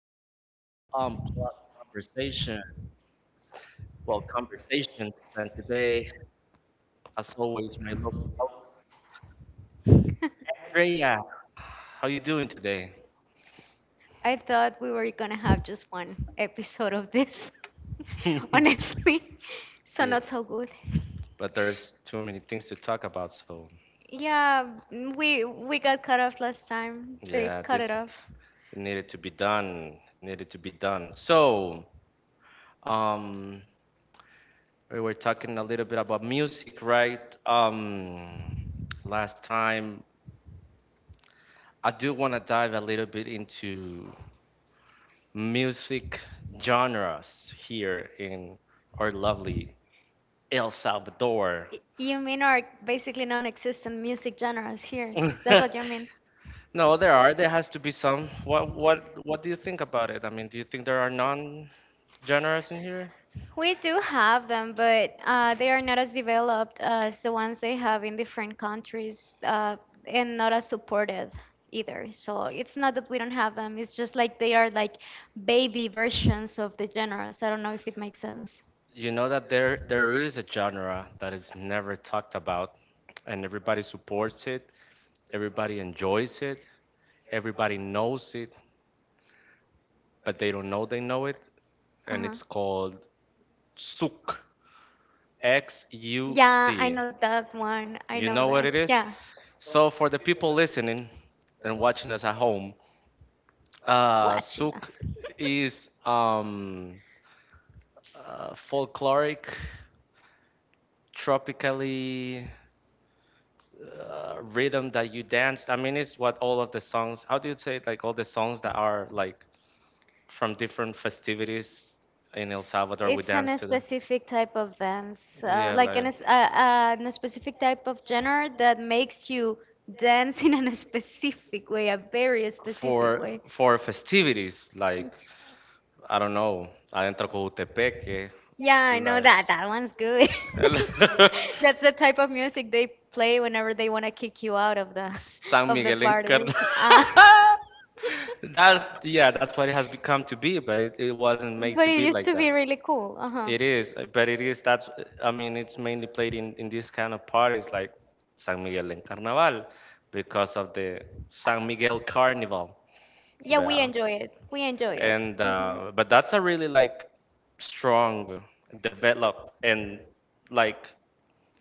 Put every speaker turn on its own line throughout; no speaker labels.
of Unplugged Conversation. Well, conversations, and today, as always, my lovely host, Drea. How you doing today?
I thought we were gonna have just one episode of this,
Yeah,
honestly. So not so good.
but there's too many things to talk about, so
Yeah, we got cut off last time. They
yeah,
cut it
this
off.
needed to be done. Needed to be done. So, um, we were talking a little bit about music, right? Last time. I do want to dive a little bit into music genres here in our lovely El Salvador.
You mean our basically non-existent music genres here? That's what you mean.
No, there are. There has to be some. What do you think about it? I mean, do you think there are non-genres in here?
We do have them, but they are not as developed as the ones they have in different countries and not as supported either. So it's not that we don't have them, it's just like they are like baby versions of the genres. I don't know if it makes sense.
You know that there is a genre that is never talked about, and everybody supports it, everybody enjoys it, everybody knows it, but they don't know they know it, and
Uh-huh.
it's called souk.
Yeah, I
XUC.
know that one. I
You
know
know what
that.
it is?
Yeah.
So, for the people listening and watching us at home,
Watching
souk
us.
is folkloric, tropically rhythm that you danced. I mean, it's what all of the songs. How do you say it? Like all the songs that are like from different festivities in El Salvador. We
It's an
dance
a
to that.
specific type of dance,
Yeah,
like an,
like
s- an a specific type of genre that makes you dance in a specific way, a very specific
for
way.
for festivities like I don't know, adentro Cojutepeque,
Yeah, I know
like
that. That one's good. That's the type of music they play whenever they want to kick you out of the
San
of the
Miguel
parties.
encarnado. That yeah, that's what it has become to be, but it wasn't made
But
to
it
be
used to
like
be
that.
really cool. Uh-huh.
It is, but it is that's I mean it's mainly played in these kind of parties like San Miguel en Carnaval because of the San Miguel Carnival.
Yeah, we
Yeah.
enjoy it. We enjoy it.
And
hmm
but that's a really like strong develop and like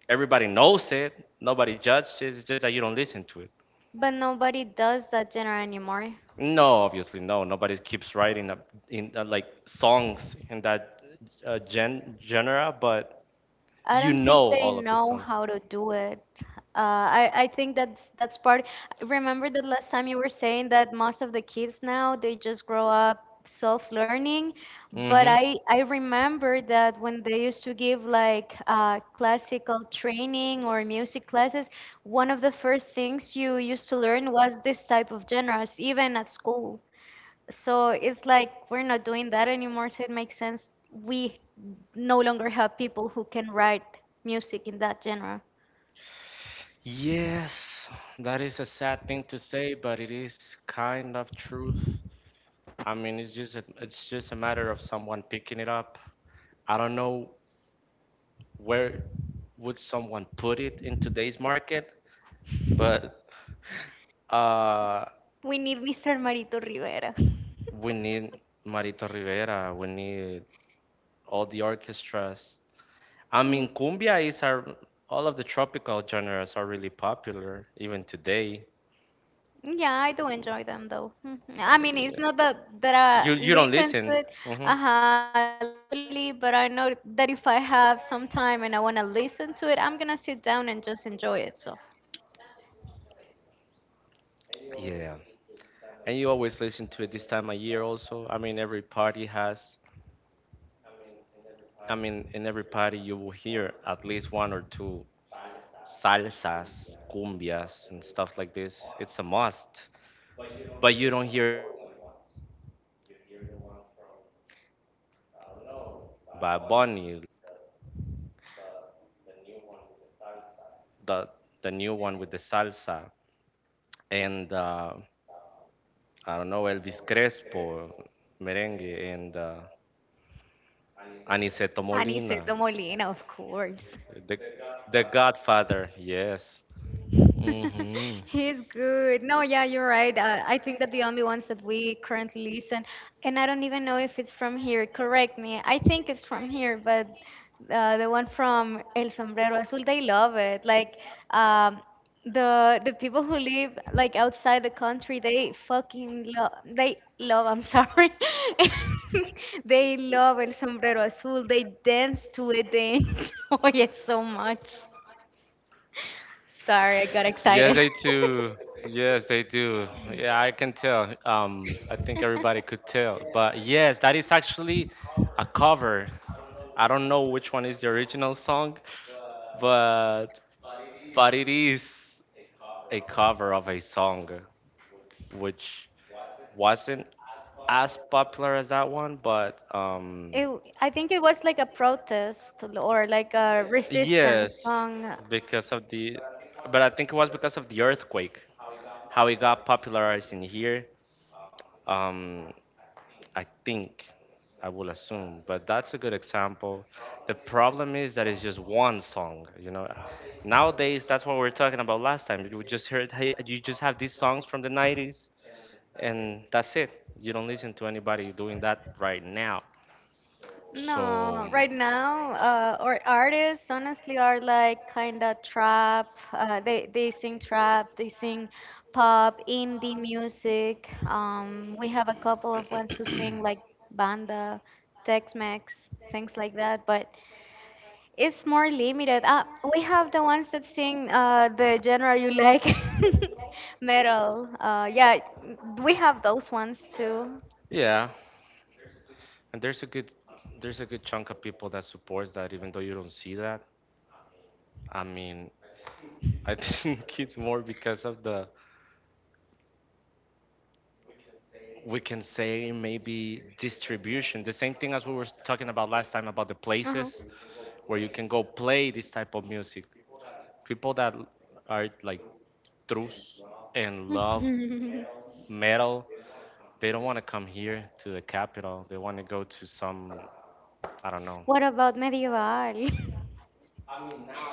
everybody knows it, nobody judges, it's just that you don't listen to it.
But nobody does that genre anymore.
No, obviously, no. Nobody keeps writing up in like songs in that genre, but
I
you
don't think
know
they
all of the
know
songs.
how to do it. Uh, I think that's part. Remember that last time you were saying that most of the kids now they just grow up self-learning, but
Hmm.
I remember that when they used to give like classical training or music classes, one of the first things you used to learn was this type of genres, even at school. So it's like we're not doing that anymore, so it makes sense we no longer have people who can write music in that genre.
Yes, that is a sad thing to say, but it is kind of truth. I mean, it's just a matter of someone picking it up. I don't know where would someone put it in today's market, but uh,
We need Mr. Marito Rivera.
we need Marito Rivera. We need all the orchestras. I mean, cumbia is our all of the tropical genres are really popular even today.
Yeah, I do
Uh,
enjoy them though. Mhm. I mean, it's
yeah.
not that I
You don't
listen to
listen.
it,
Hmm.
uh-huh, like regularly, but I know that if I have some time and I want to listen to it, I'm gonna sit down and just enjoy it. So,
Yeah. And you always listen to it this time of year also. I mean, every party has, I mean, in every party you will hear at least one or two salsas, cumbias, and stuff like this. It's a must. But you don't hear Salvadorian ones. You hear the ones from I don't know Bad Bunny, the the the new one with the salsa, and I don't know Elvis Crespo, merengue, and Aniceto Molina,
Aniceto Molina, of course.
the the Godfather. Yes. Hmm.
He's good. No, yeah, you're right. I think that the only ones that we currently listen, and I don't even know if it's from here. Correct me. I think it's from here, but the one from El Sombrero Azul, they love it. Like um, the people who live like outside the country, they fucking love. They love. I'm sorry. They love El Sombrero Azul. They dance to it. They enjoy it so much. Sorry, I got
Yes,
excited.
they do. Yes, they do. Yeah, I can tell. I think everybody could tell. But yes, that is actually a cover. I don't know which one is the original song, but it is a cover of a song which wasn't as popular as that one, but
It, I think it was like a protest or like a resistance
yes,
song.
because of the but I think it was because of the earthquake how it got popularized in here. Um I think I will assume, but that's a good example. The problem is that it's just one song. Nowadays, that's what we were talking about last time. You just heard, hey, you just have these songs from the 90s, and that's it. You don't listen to anybody doing that right now. So,
No, right now, or artists honestly are like kind of trap. They sing trap, they sing pop, indie music. We have a couple of ones who sing like banda, Tex-Mex, things like that. But it's more limited. We have the ones that sing the genre you like, metal. Yeah, we have those ones too.
yeah, and there's a good chunk of people that supports that, even though you don't see that. I mean, I think it's more because of the we can say maybe distribution the same thing as we were talking about last time about the
Uh-huh.
places where you can go play this type of music, people that are like trus and love metal, they don't want to come here to the capital, they want to go to some, I don't know.
What about medieval?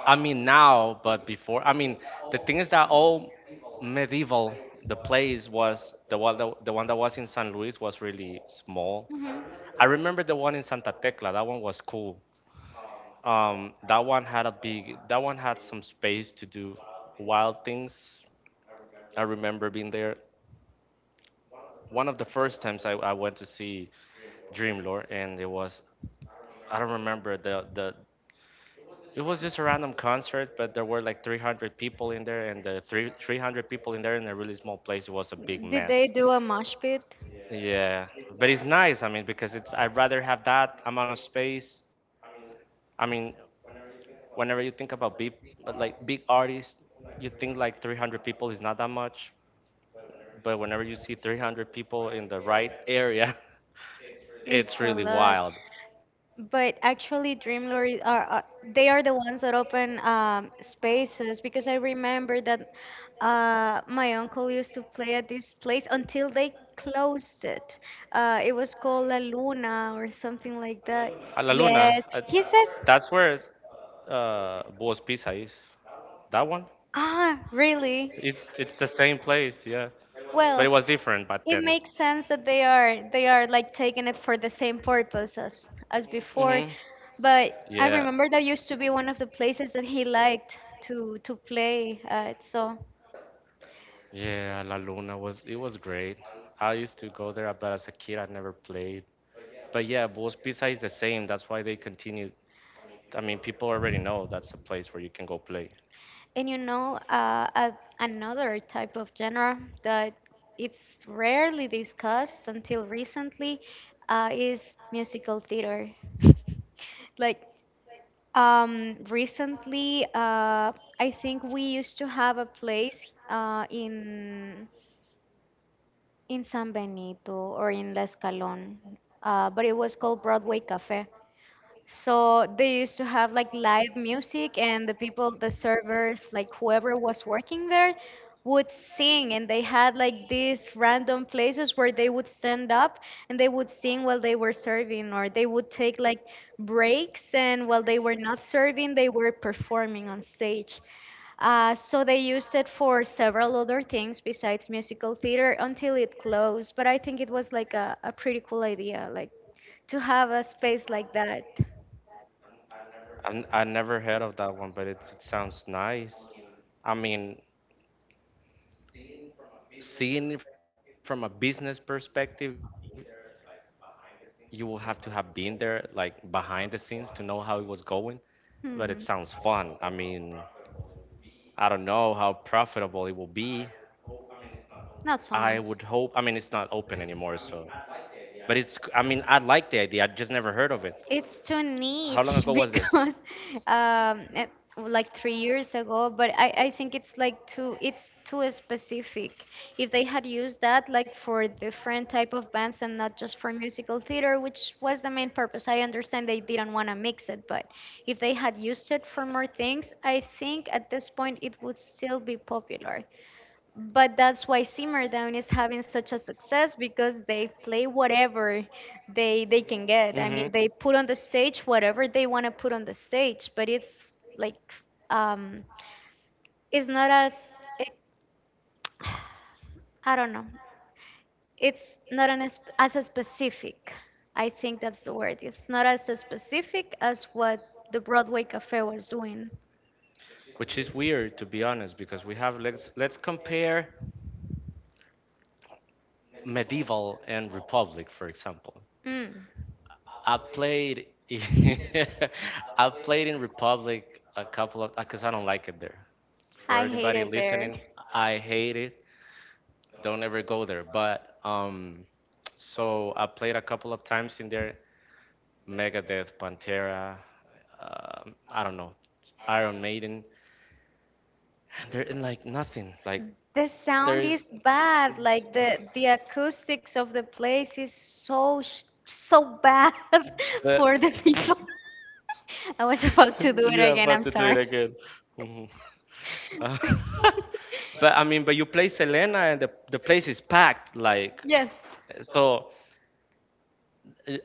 I mean now, but before, I mean the thing is that all medieval, the place was the one that was in San Luis was really small.
Mhm.
I remember the one in Santa Tecla. That one was cool. That one had some space to do wild things. I remember being there. One of the first times I went to see Dreamlord, and it was, I don't remember the, it was just a random concert, but there were like 300 people in there, and 300 people in there in a really small place, it was a big
Did they
mess.
do a mosh pit?
Yeah, but it's nice. I mean, because it's I'd rather have that amount of space. I mean, whenever you think about big artists, you think like 300 people is not that much, but whenever you see 300 people in the right area,
It's
it's
a
really
lot.
wild.
But actually, Dream Lord are, they are the ones that open spaces because I remember that my uncle used to play at this place until they closed it. It was called La Luna or something like that.
A la Luna,
Yes, he says,
that's where it's, Boas Pisa is. That one?
ah, really?
It's the same place, yeah. But
Well,
it was different back
it
then.
makes sense that they are like taking it for the same purpose as before,
Hmm.
but I
Yeah.
remember that used to be one of the places that he liked to play at. So,
Yeah, La Luna was it was great. I used to go there, but as a kid I never played. But yeah, Boas Pizza is the same. That's why they continue. I mean, people already know that's a place where you can go play.
and you know, another type of genre that it's rarely discussed until recently is musical theater. Like recently, I think we used to have a place in San Benito or in La Escalón, but it was called Broadway Cafe. So they used to have like live music, and the people, the servers, like whoever was working there, would sing. And they had like these random places where they would stand up and they would sing while they were serving, or they would take like breaks, and while they were not serving, they were performing on stage. So they used it for several other things besides musical theater until it closed. But I think it was like a pretty cool idea, like to have a space like that.
I never heard of that one, but it sounds nice. I mean, seeing it from a business perspective, you will have to have been there, like behind the scenes, to know how it was going. But it sounds fun. I mean,
hmm
I don't know how profitable it will be. I would hope. I mean, it's
Not
not
so
open
much.
anymore, so I mean, I like the idea. I just never heard of it. How long
It's
ago
too
was this?
niche because um, eh, like 3 years ago, but I think it's like too it's too specific. If they had used that like for different type of bands and not just for musical theater, which was the main purpose, I understand they didn't want to mix it, but if they had used it for more things, I think at this point it would still be popular. But that's why Simmerdown is having such a success because they play whatever they can get.
Hmm.
I mean, they put on the stage whatever they want to put on the stage, but it's like um it's not as it, I don't know. It's not an as a specific. I think that's the word. It's not as a specific as what the Broadway Cafe was doing.
Which is weird, to be honest, because we have, let's compare Medieval and Republic, for example.
Mm.
I played, I played in Republic a couple of, because I don't like it there. For
I hate
anybody
it there.
listening, I hate it. Don't ever go there. But, so I played a couple of times in there. Megadeth, Pantera, I don't know, Iron Maiden, and they're in like nothing. Like
The sound
there's
is bad. Like the acoustics of the place is so sh so bad
but
for the people. I was about to do it
yeah,
again.
about
I'm
to do it
sorry.
again. Mhm. Uh, but I mean, but you play Selena and the place is packed. Like
Yes.
so,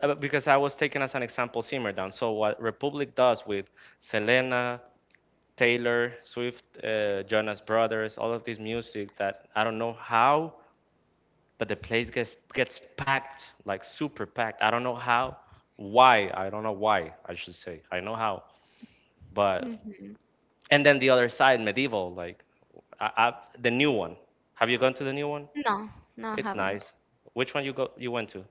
because I was taking as an example Simmerdown. So what Republic does with Selena, Taylor Swift, Jonas Brothers, all of this music that I don't know how, but the place gets packed, like super packed. I don't know how, why. I don't know why. I should say I know how, but
Mhm.
and then the other side, medieval, like I, I, the new one. Have you gone to the new one?
No, no, I
It's
haven't.
nice. Which one you go you went to?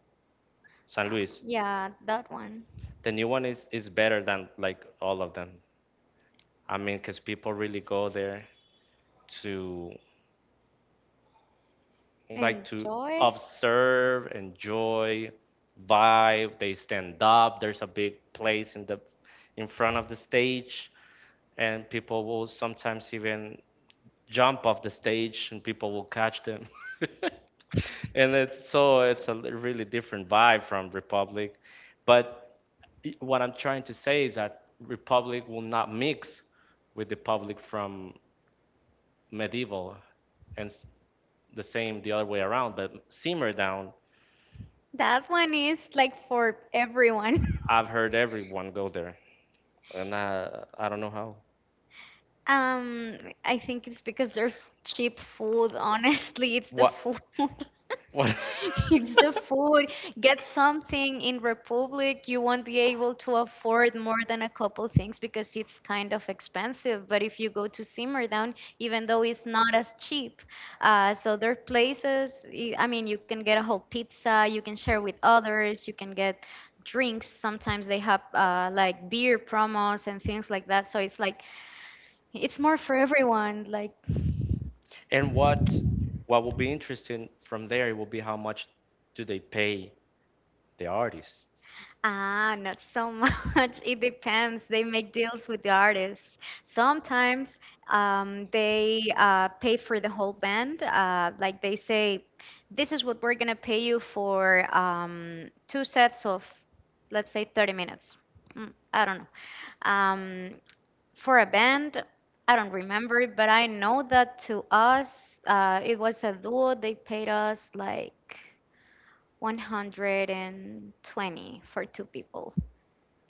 San
Uh,
Luis.
yeah, that one.
The new one is better than like all of them. I mean, because people really go there to like to
Enjoy.
observe, enjoy, vibe. They stand up. There's a big place in front of the stage, and people will sometimes even jump off the stage, and people will catch them. And it's so it's a really different vibe from Republic. But what I'm trying to say is that Republic will not mix with the public from medieval, and the same the other way around. But Simmer Down
That one is like for everyone.
I've heard everyone go there, and I don't know how.
Um, I think it's because there's cheap food. Honestly, it's the
What
food.
what
It's the food. Get something in Republic, you won't be able to afford more than a couple things because it's kind of expensive. But if you go to Simmerdown, even though it's not as cheap, so there are places, I mean, you can get a whole pizza, you can share with others, you can get drinks. Sometimes they have like beer promos and things like that. So it's like it's more for everyone. Like,
and what will be interesting from there will be how much do they pay the artists?
ah, not so much. It depends. They make deals with the artists. Sometimes they pay for the whole band. Like they say, this is what we're gonna pay you for two sets of, let's say, 30 minutes. Mm, I don't know. For a band, I don't remember it, but I know that to us, it was a duo. They paid us like 120 for two people.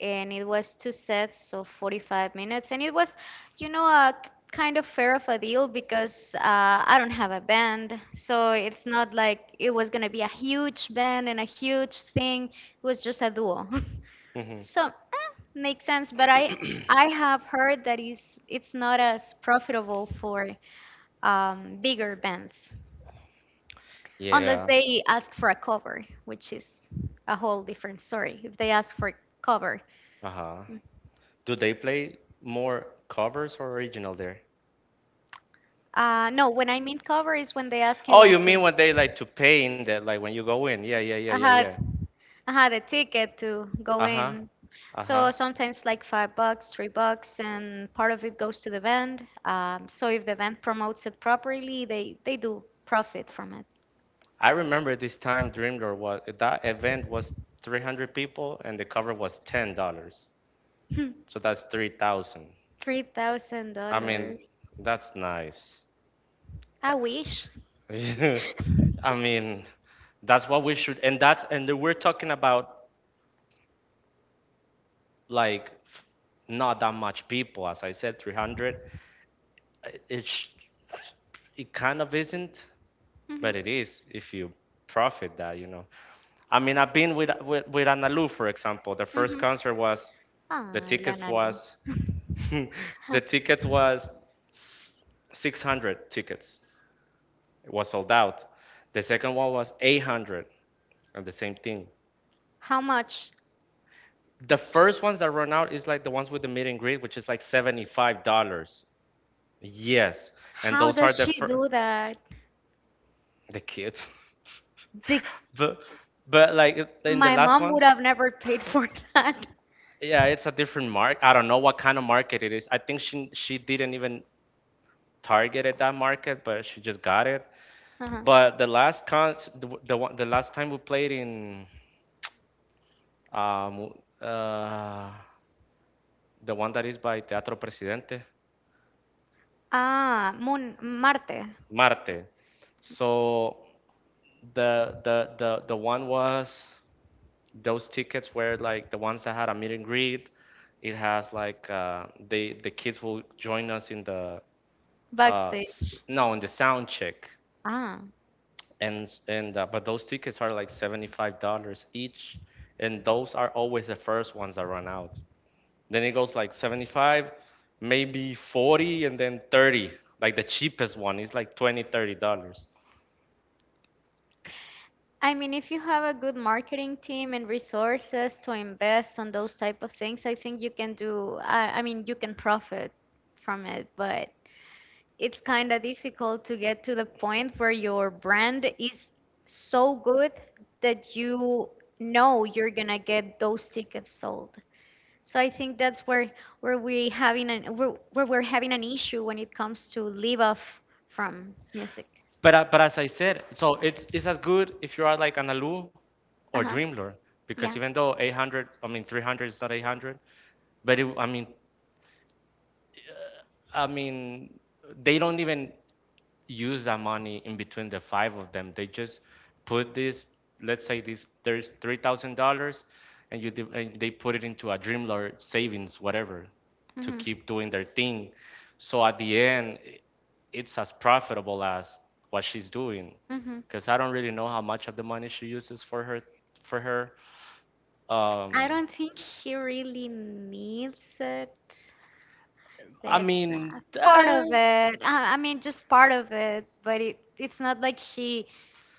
And it was two sets, so 45 minutes. And it was, you know, a kind of fair of a deal because I don't have a band. So it's not like it was going to be a huge band and a huge thing. It was just a duo.
Hmm.
so makes sense. But I have heard that is it's not as profitable for bigger bands. Unless
Yeah.
they ask for a cover, which is a whole different story. If they ask for cover,
Uh-huh. Do they play more covers or original there?
no. When I mean cover is when they ask you
Oh, you
like to.
mean when they like to pay in that, like when you go in? Yeah, yeah, yeah,
I
yeah, yeah.
had I had a ticket to go
Uh huh.
in,
Uh
so
huh.
sometimes like $5, $3, and part of it goes to the band. So if the band promotes it properly, they do profit from it.
I remember this time Dream Lord was that event was 300 people and the cover was $10. So that's 3,000.
Three thousand
I mean,
dollars.
that's nice.
I wish.
I mean, that's what we should, and that's, and then we're talking about like not that much people. As I said, 300. It's, it kind of isn't.
Mhm.
But it is if you profit that. I mean, I've been with Analu, for example. The first
Mm-hmm.
concert was the
Ah,
tickets
Ilanalo.
was the tickets was 600 tickets. It was sold out. The second one was 800, and the same thing.
How much?
The first ones that run out is like the ones with the meet and greet, which is like $75. Yes, and
How
those are
does
the
she
first.
do that?
The kids.
The,
But but like in the
my
last
mom
one,
would have never paid for that.
yeah, it's a different mark. I don't know what kind of market it is. I think she didn't even target at that market, but she just got it.
Uh-huh.
But the last cons the, w- the one the last time we played in um uh the one that is by Teatro Presidente,
Ah, Moon, Marte,
Marte. So the one was those tickets were like the ones that had a meet and greet. It has like the kids will join us in the
backstage.
no in the sound check
Ah.
and but those tickets are like $75 each, and those are always the first ones that run out. Then it goes like 75, maybe 40, and then 30. Like the cheapest one is like $20-30.
I mean, if you have a good marketing team and resources to invest on those type of things, I think you can do, I mean, you can profit from it, but it's kind of difficult to get to the point where your brand is so good that you know you're gonna get those tickets sold. So I think that's where we having an where we're having an issue when it comes to live off from music.
But as I said, so it's as good if you are like an Alu or
Uh huh.
Dreamlord because
Yeah.
even though 800, I mean 300 is not 800, but it, I mean I mean, they don't even use that money in between the five of them. They just put this, let's say this, there's $3,000, and and they put it into a Dreamlord savings, whatever, to
Mhm.
keep doing their thing. So at the end, it's as profitable as what she's doing,
Mhm.
because I don't really know how much of the money she uses for her. Um,
I don't think he really needs it.
I
That's
mean,
part
uh,
of it. I mean, just part of it, but it's not like she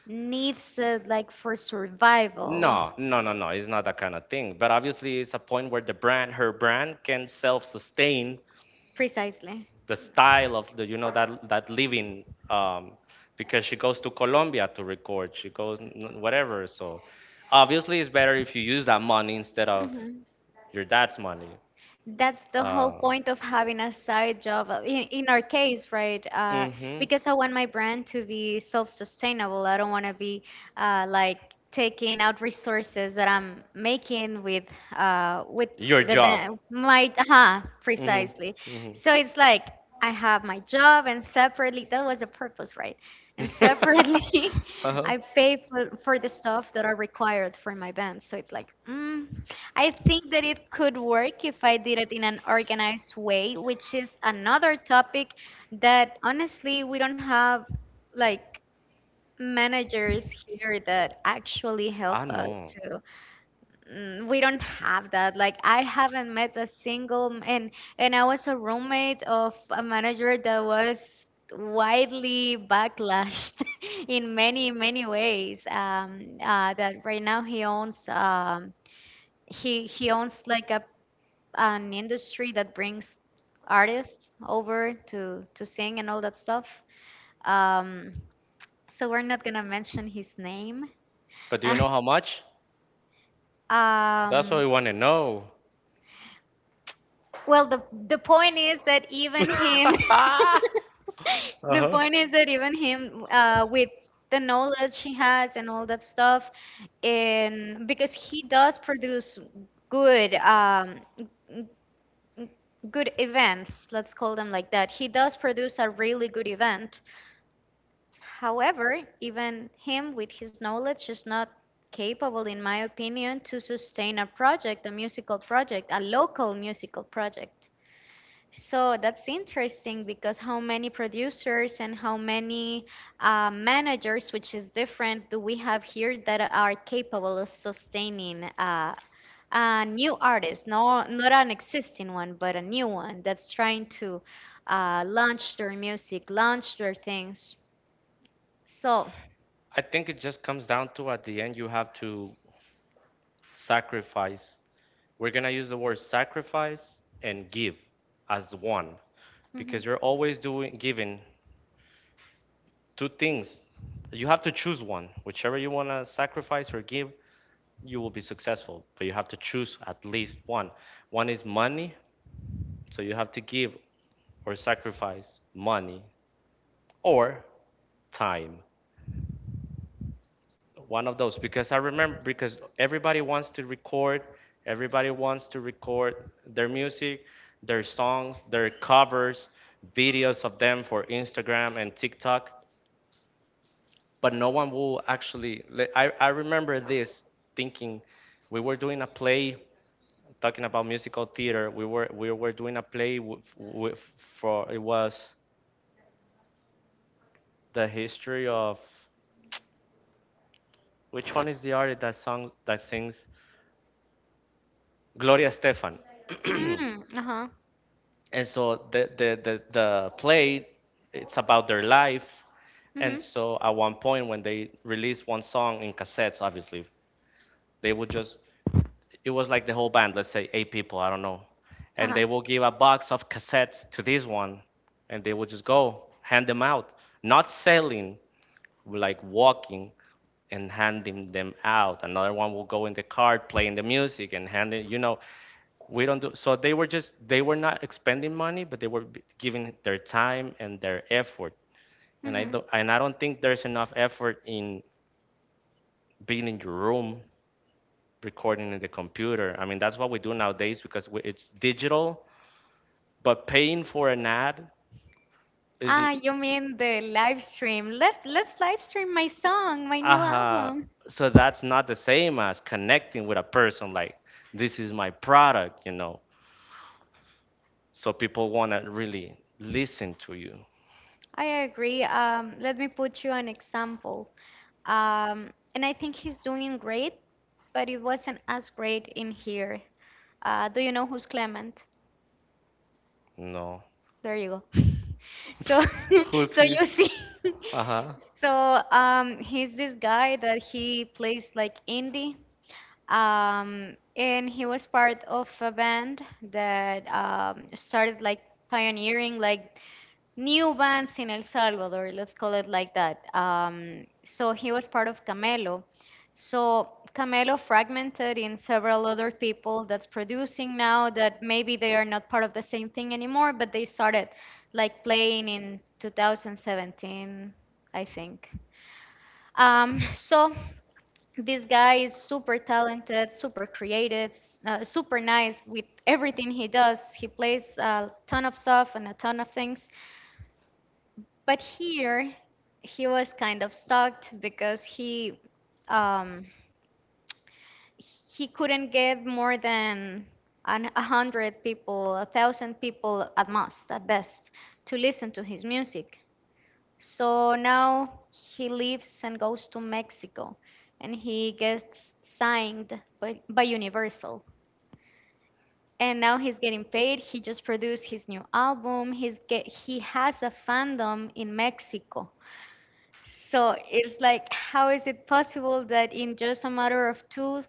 needs it like for survival.
no, no, no, no. It's not that kind of thing. But obviously, it's a point where the brand, her brand, can self sustain
Precisely.
the style of the that living, um, because she goes to Colombia to record. She goes whatever. So obviously, it's better if you use that money instead of your dad's money.
That's the whole
Um,
point of having a side job in our case, right?
mhm.
Because I want my brand to be self-sustainable. I don't want to be like taking out resources that I'm making with
Your
the
job.
ba- my
Mhm.
precisely.
Mhm.
So it's like I have my job and separately that was the purpose, right? And separately
Uh-huh.
I pay for the stuff that are required for my band. So it's like, I think that it could work if I did it in an organized way, which is another topic that honestly we don't have like managers here that actually
I
help us
know.
to we don't have that. Like, I haven't met a single m- and I was a roommate of a manager that was widely backlashed in many many ways that right now he owns like a an industry that brings artists over to sing and all that stuff. Um, so we're not gonna mention his name.
But do you know how much? That's what
um,
we want to know.
well, the point is that even him,
Uh-huh.
the point is that even him, with the knowledge he has and all that stuff, and because he does produce good good events, let's call them like that. He does produce a really good event. However, even him with his knowledge is not capable, in my opinion, to sustain a project, a musical project, a local musical project. So that's interesting, because how many producers and how many managers, which is different, do we have here that are capable of sustaining a new artist? No, not an existing one, but a new one that's trying to launch their music, launch their things. So.
I think it just comes down to at the end you have to sacrifice. We're gonna use the word sacrifice and give as one
Mhm.
because you're always doing giving two things. You have to choose one. Whichever you want to sacrifice or give, you will be successful. But you have to choose at least one. One is money, so you have to give or sacrifice money or time. One of those because I remember because everybody wants to record their music, their songs, their covers, videos of them for Instagram and TikTok. But no one will actually. I remember this thinking we were doing a play talking about musical theater. We were doing a play with for it was the history of which one is the artist that sings Gloria Stefan.
Mm, uh-huh.
And so the play it's about their life. And
Mhm.
so at one point when they released one song in cassettes, obviously they would just it was like the whole band, let's say eight people, I don't know. And
Uh-huh.
they will give a box of cassettes to this one, and they will just go hand them out, not selling, like walking and handing them out. Another one will go in the car, playing the music and handing, we don't do. So they were not expending money, but they were giving their time and their effort. And I
Mhm.
don't, and I don't think there's enough effort in being in your room recording in the computer. I mean, that's what we do nowadays because it's digital, but paying for an ad
Ah,
isn't.
you mean the live stream? Let's live stream my song, my new
Uh-huh.
album.
So that's not the same as connecting with a person like, this is my product. So people want to really listen to you,
I agree. Let me put you an example. And I think he's doing great, but it wasn't as great in here. Do you know who's Clement?
you know.
There you go. So,
Who's
so
he?
you see,
Uh-huh.
he's this guy that he plays like indie, and he was part of a band that started like pioneering like new bands in El Salvador. Let's call it like that. So he was part of Camelo, so Camelo fragmented in several other people that's producing now that maybe they are not part of the same thing anymore, but they started like playing in 2017, I think. So this guy is super talented, super creative, super nice with everything he does. He plays a ton of stuff and a ton of things. But here, he was kind of stuck because um, he couldn't get more than a hundred people, a thousand people at most, at best, to listen to his music. So now he leaves and goes to Mexico, and he gets signed by Universal. And now he's getting paid. He just produced his new album. He has a fandom in Mexico, so it's like, how is it possible that in just a matter of two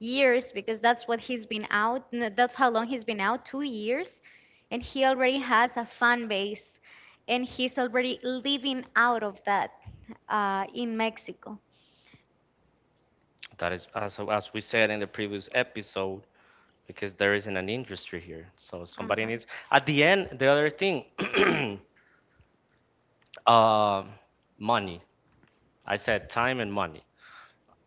years, because that's what he's been out, that's how long he's been out, 2 years, and he already has a fan base, and he's already living out of that in Mexico.
That is, as we said in the previous episode, because there isn't an industry here. So somebody
Uh-huh.
needs. At the end, the other thing, uh, money. I said time and money.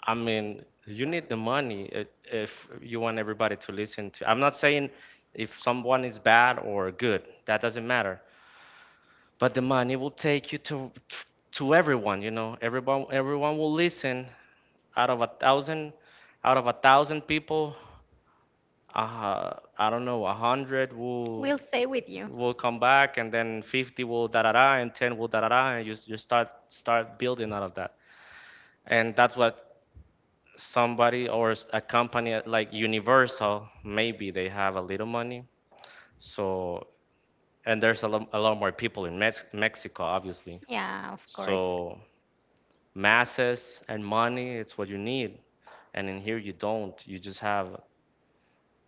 I mean, you need the money if you want everybody to listen to. I'm not saying if someone is bad or good. That doesn't matter. But the money will take you to everyone. You know, everyone will listen. Out of a thousand, out of a thousand people, I don't know, 100 will
We'll stay with you.
will come back and then 50 will da da da and 10 will da da da and you start building out of that. And that's what somebody or a company like Universal, maybe they have a little money. So, and there's a lot more people in Mexico, obviously.
Yeah, of course.
So, masses and money, it's what you need. And in here, you don't. You just have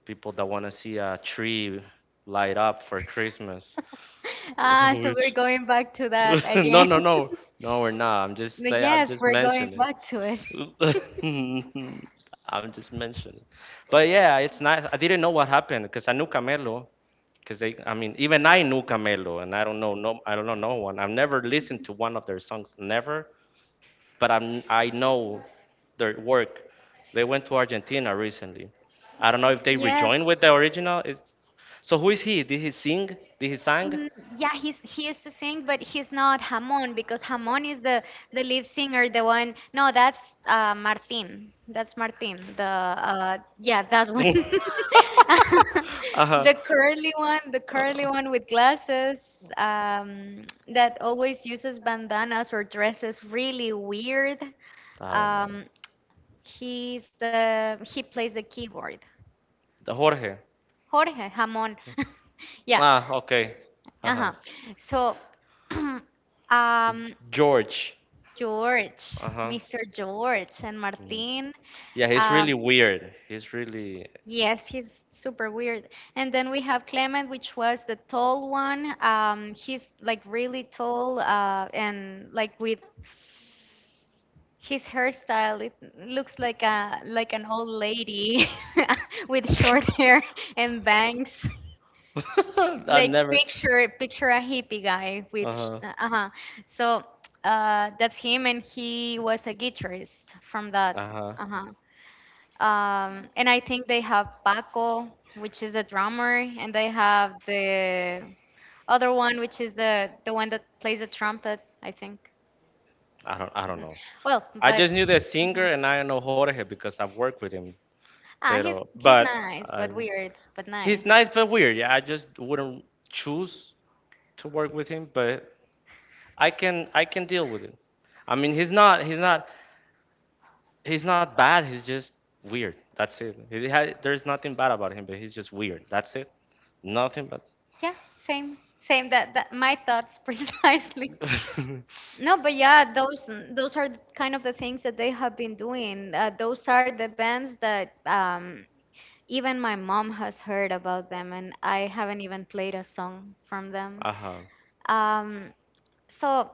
people that want to see a tree light up for Christmas.
Ah, so we're
Which
going back to that
no
again.
no no no we're not. I'm just
But
say I'm
yes,
just
we're going
mentioning.
back to it.
I'm just mentioning. But yeah, it's nice. I didn't know what happened because I knew Camelo. Because I mean, even I knew Camelo, and I don't know no one. I've never listened to one of their songs, never. But I know their work. They went to Argentina recently. I don't know if they rejoined with
Yes.
the original. Is so who is he? Did he sing? Did he sang?
Mm. Yeah, he used to sing, but he's not Hamon, because Hamon is the lead singer, the one. No, that's Martin. That's Martin. The yeah, that one.
Uh-huh.
The curly
Uh,
one with glasses, that always uses bandanas or dresses really weird.
I don't know.
Um, he plays the keyboard.
The Jorge.
Jorge, jamón. Yeah.
Ah, okay. Uh-huh.
Uh-huh. So, um,
George.
George,
Uh-huh.
Mr. George and
Mhm.
Martin.
Yeah, he's really
Um,
weird. He's really.
yes, he's super weird. And then we have Clement, which was the tall one. He's like really tall, and like with his hairstyle, it looks like a like an old lady with short hair and bangs.
I
Like,
never.
picture a hippie guy with
Uh-huh.
uh-huh. So that's him, and he was a guitarist from that.
Uh-huh.
Uh-huh. And I think they have Paco, which is a drummer, and they have the other one, which is the one that plays the trumpet, I think.
I don't. I don't know.
Well,
I
but.
just knew the singer
Mhm.
and I know Jorge because I've worked with him.
Ah,
Pero,
he's nice
I,
but weird, but
he's
nice.
nice but weird. Yeah, I just wouldn't choose to work with him, but I can deal with it. I mean, he's not bad. He's just weird. That's it. He ha there's nothing bad about him, but he's just weird. That's it. Nothing but.
Yeah, same, same. That that my thoughts precisely. No, but yeah, those are kind of the things that they have been doing. Those are the bands that even my mom has heard about them, and I haven't even played a song from them.
Uh-huh.
Um, so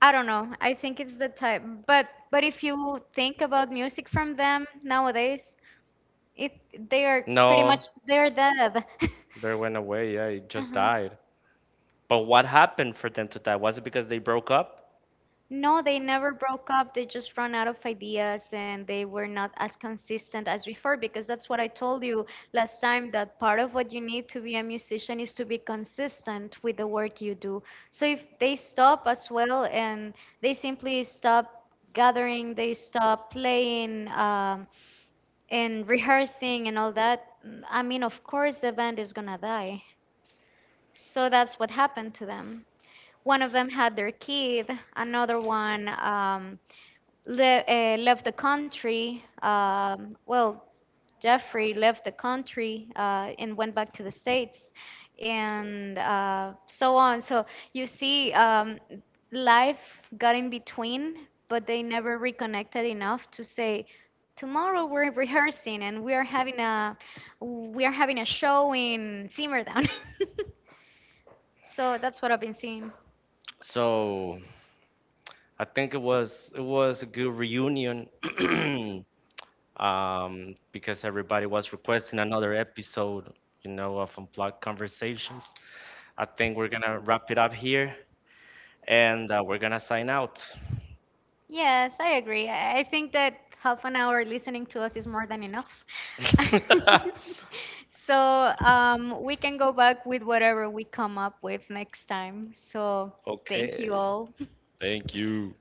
I don't know. I think it's the type, but if you think about music from them nowadays, it they are pretty
No,
much, they're dead.
they went away. Yeah, he
Uh
just
huh.
died. But what happened for them to die? Was it because they broke up?
No, they never broke up. They just ran out of ideas, and they were not as consistent as before, because that's what I told you last time, that part of what you need to be a musician is to be consistent with the work you do. So if they stop as well and they simply stop gathering, they stop playing and rehearsing and all that, I mean, of course the band is gonna die. So that's what happened to them. One of them had their kid, another one left the country. Well, Jeffrey left the country and went back to the States, and so on. So you see, life got in between, but they never reconnected enough to say, "Tomorrow we're rehearsing and we are having a we are having a show in Simmerdown." So that's what I've been seeing.
So I think it was a good reunion because everybody was requesting another episode of Unplugged Conversations. I think we're gonna wrap it up here and we're gonna sign out.
Yes, I agree. I think that half an hour listening to us is more than enough. So we can go back with whatever we come up with next time. So thank you
Okay,
all.
thank you.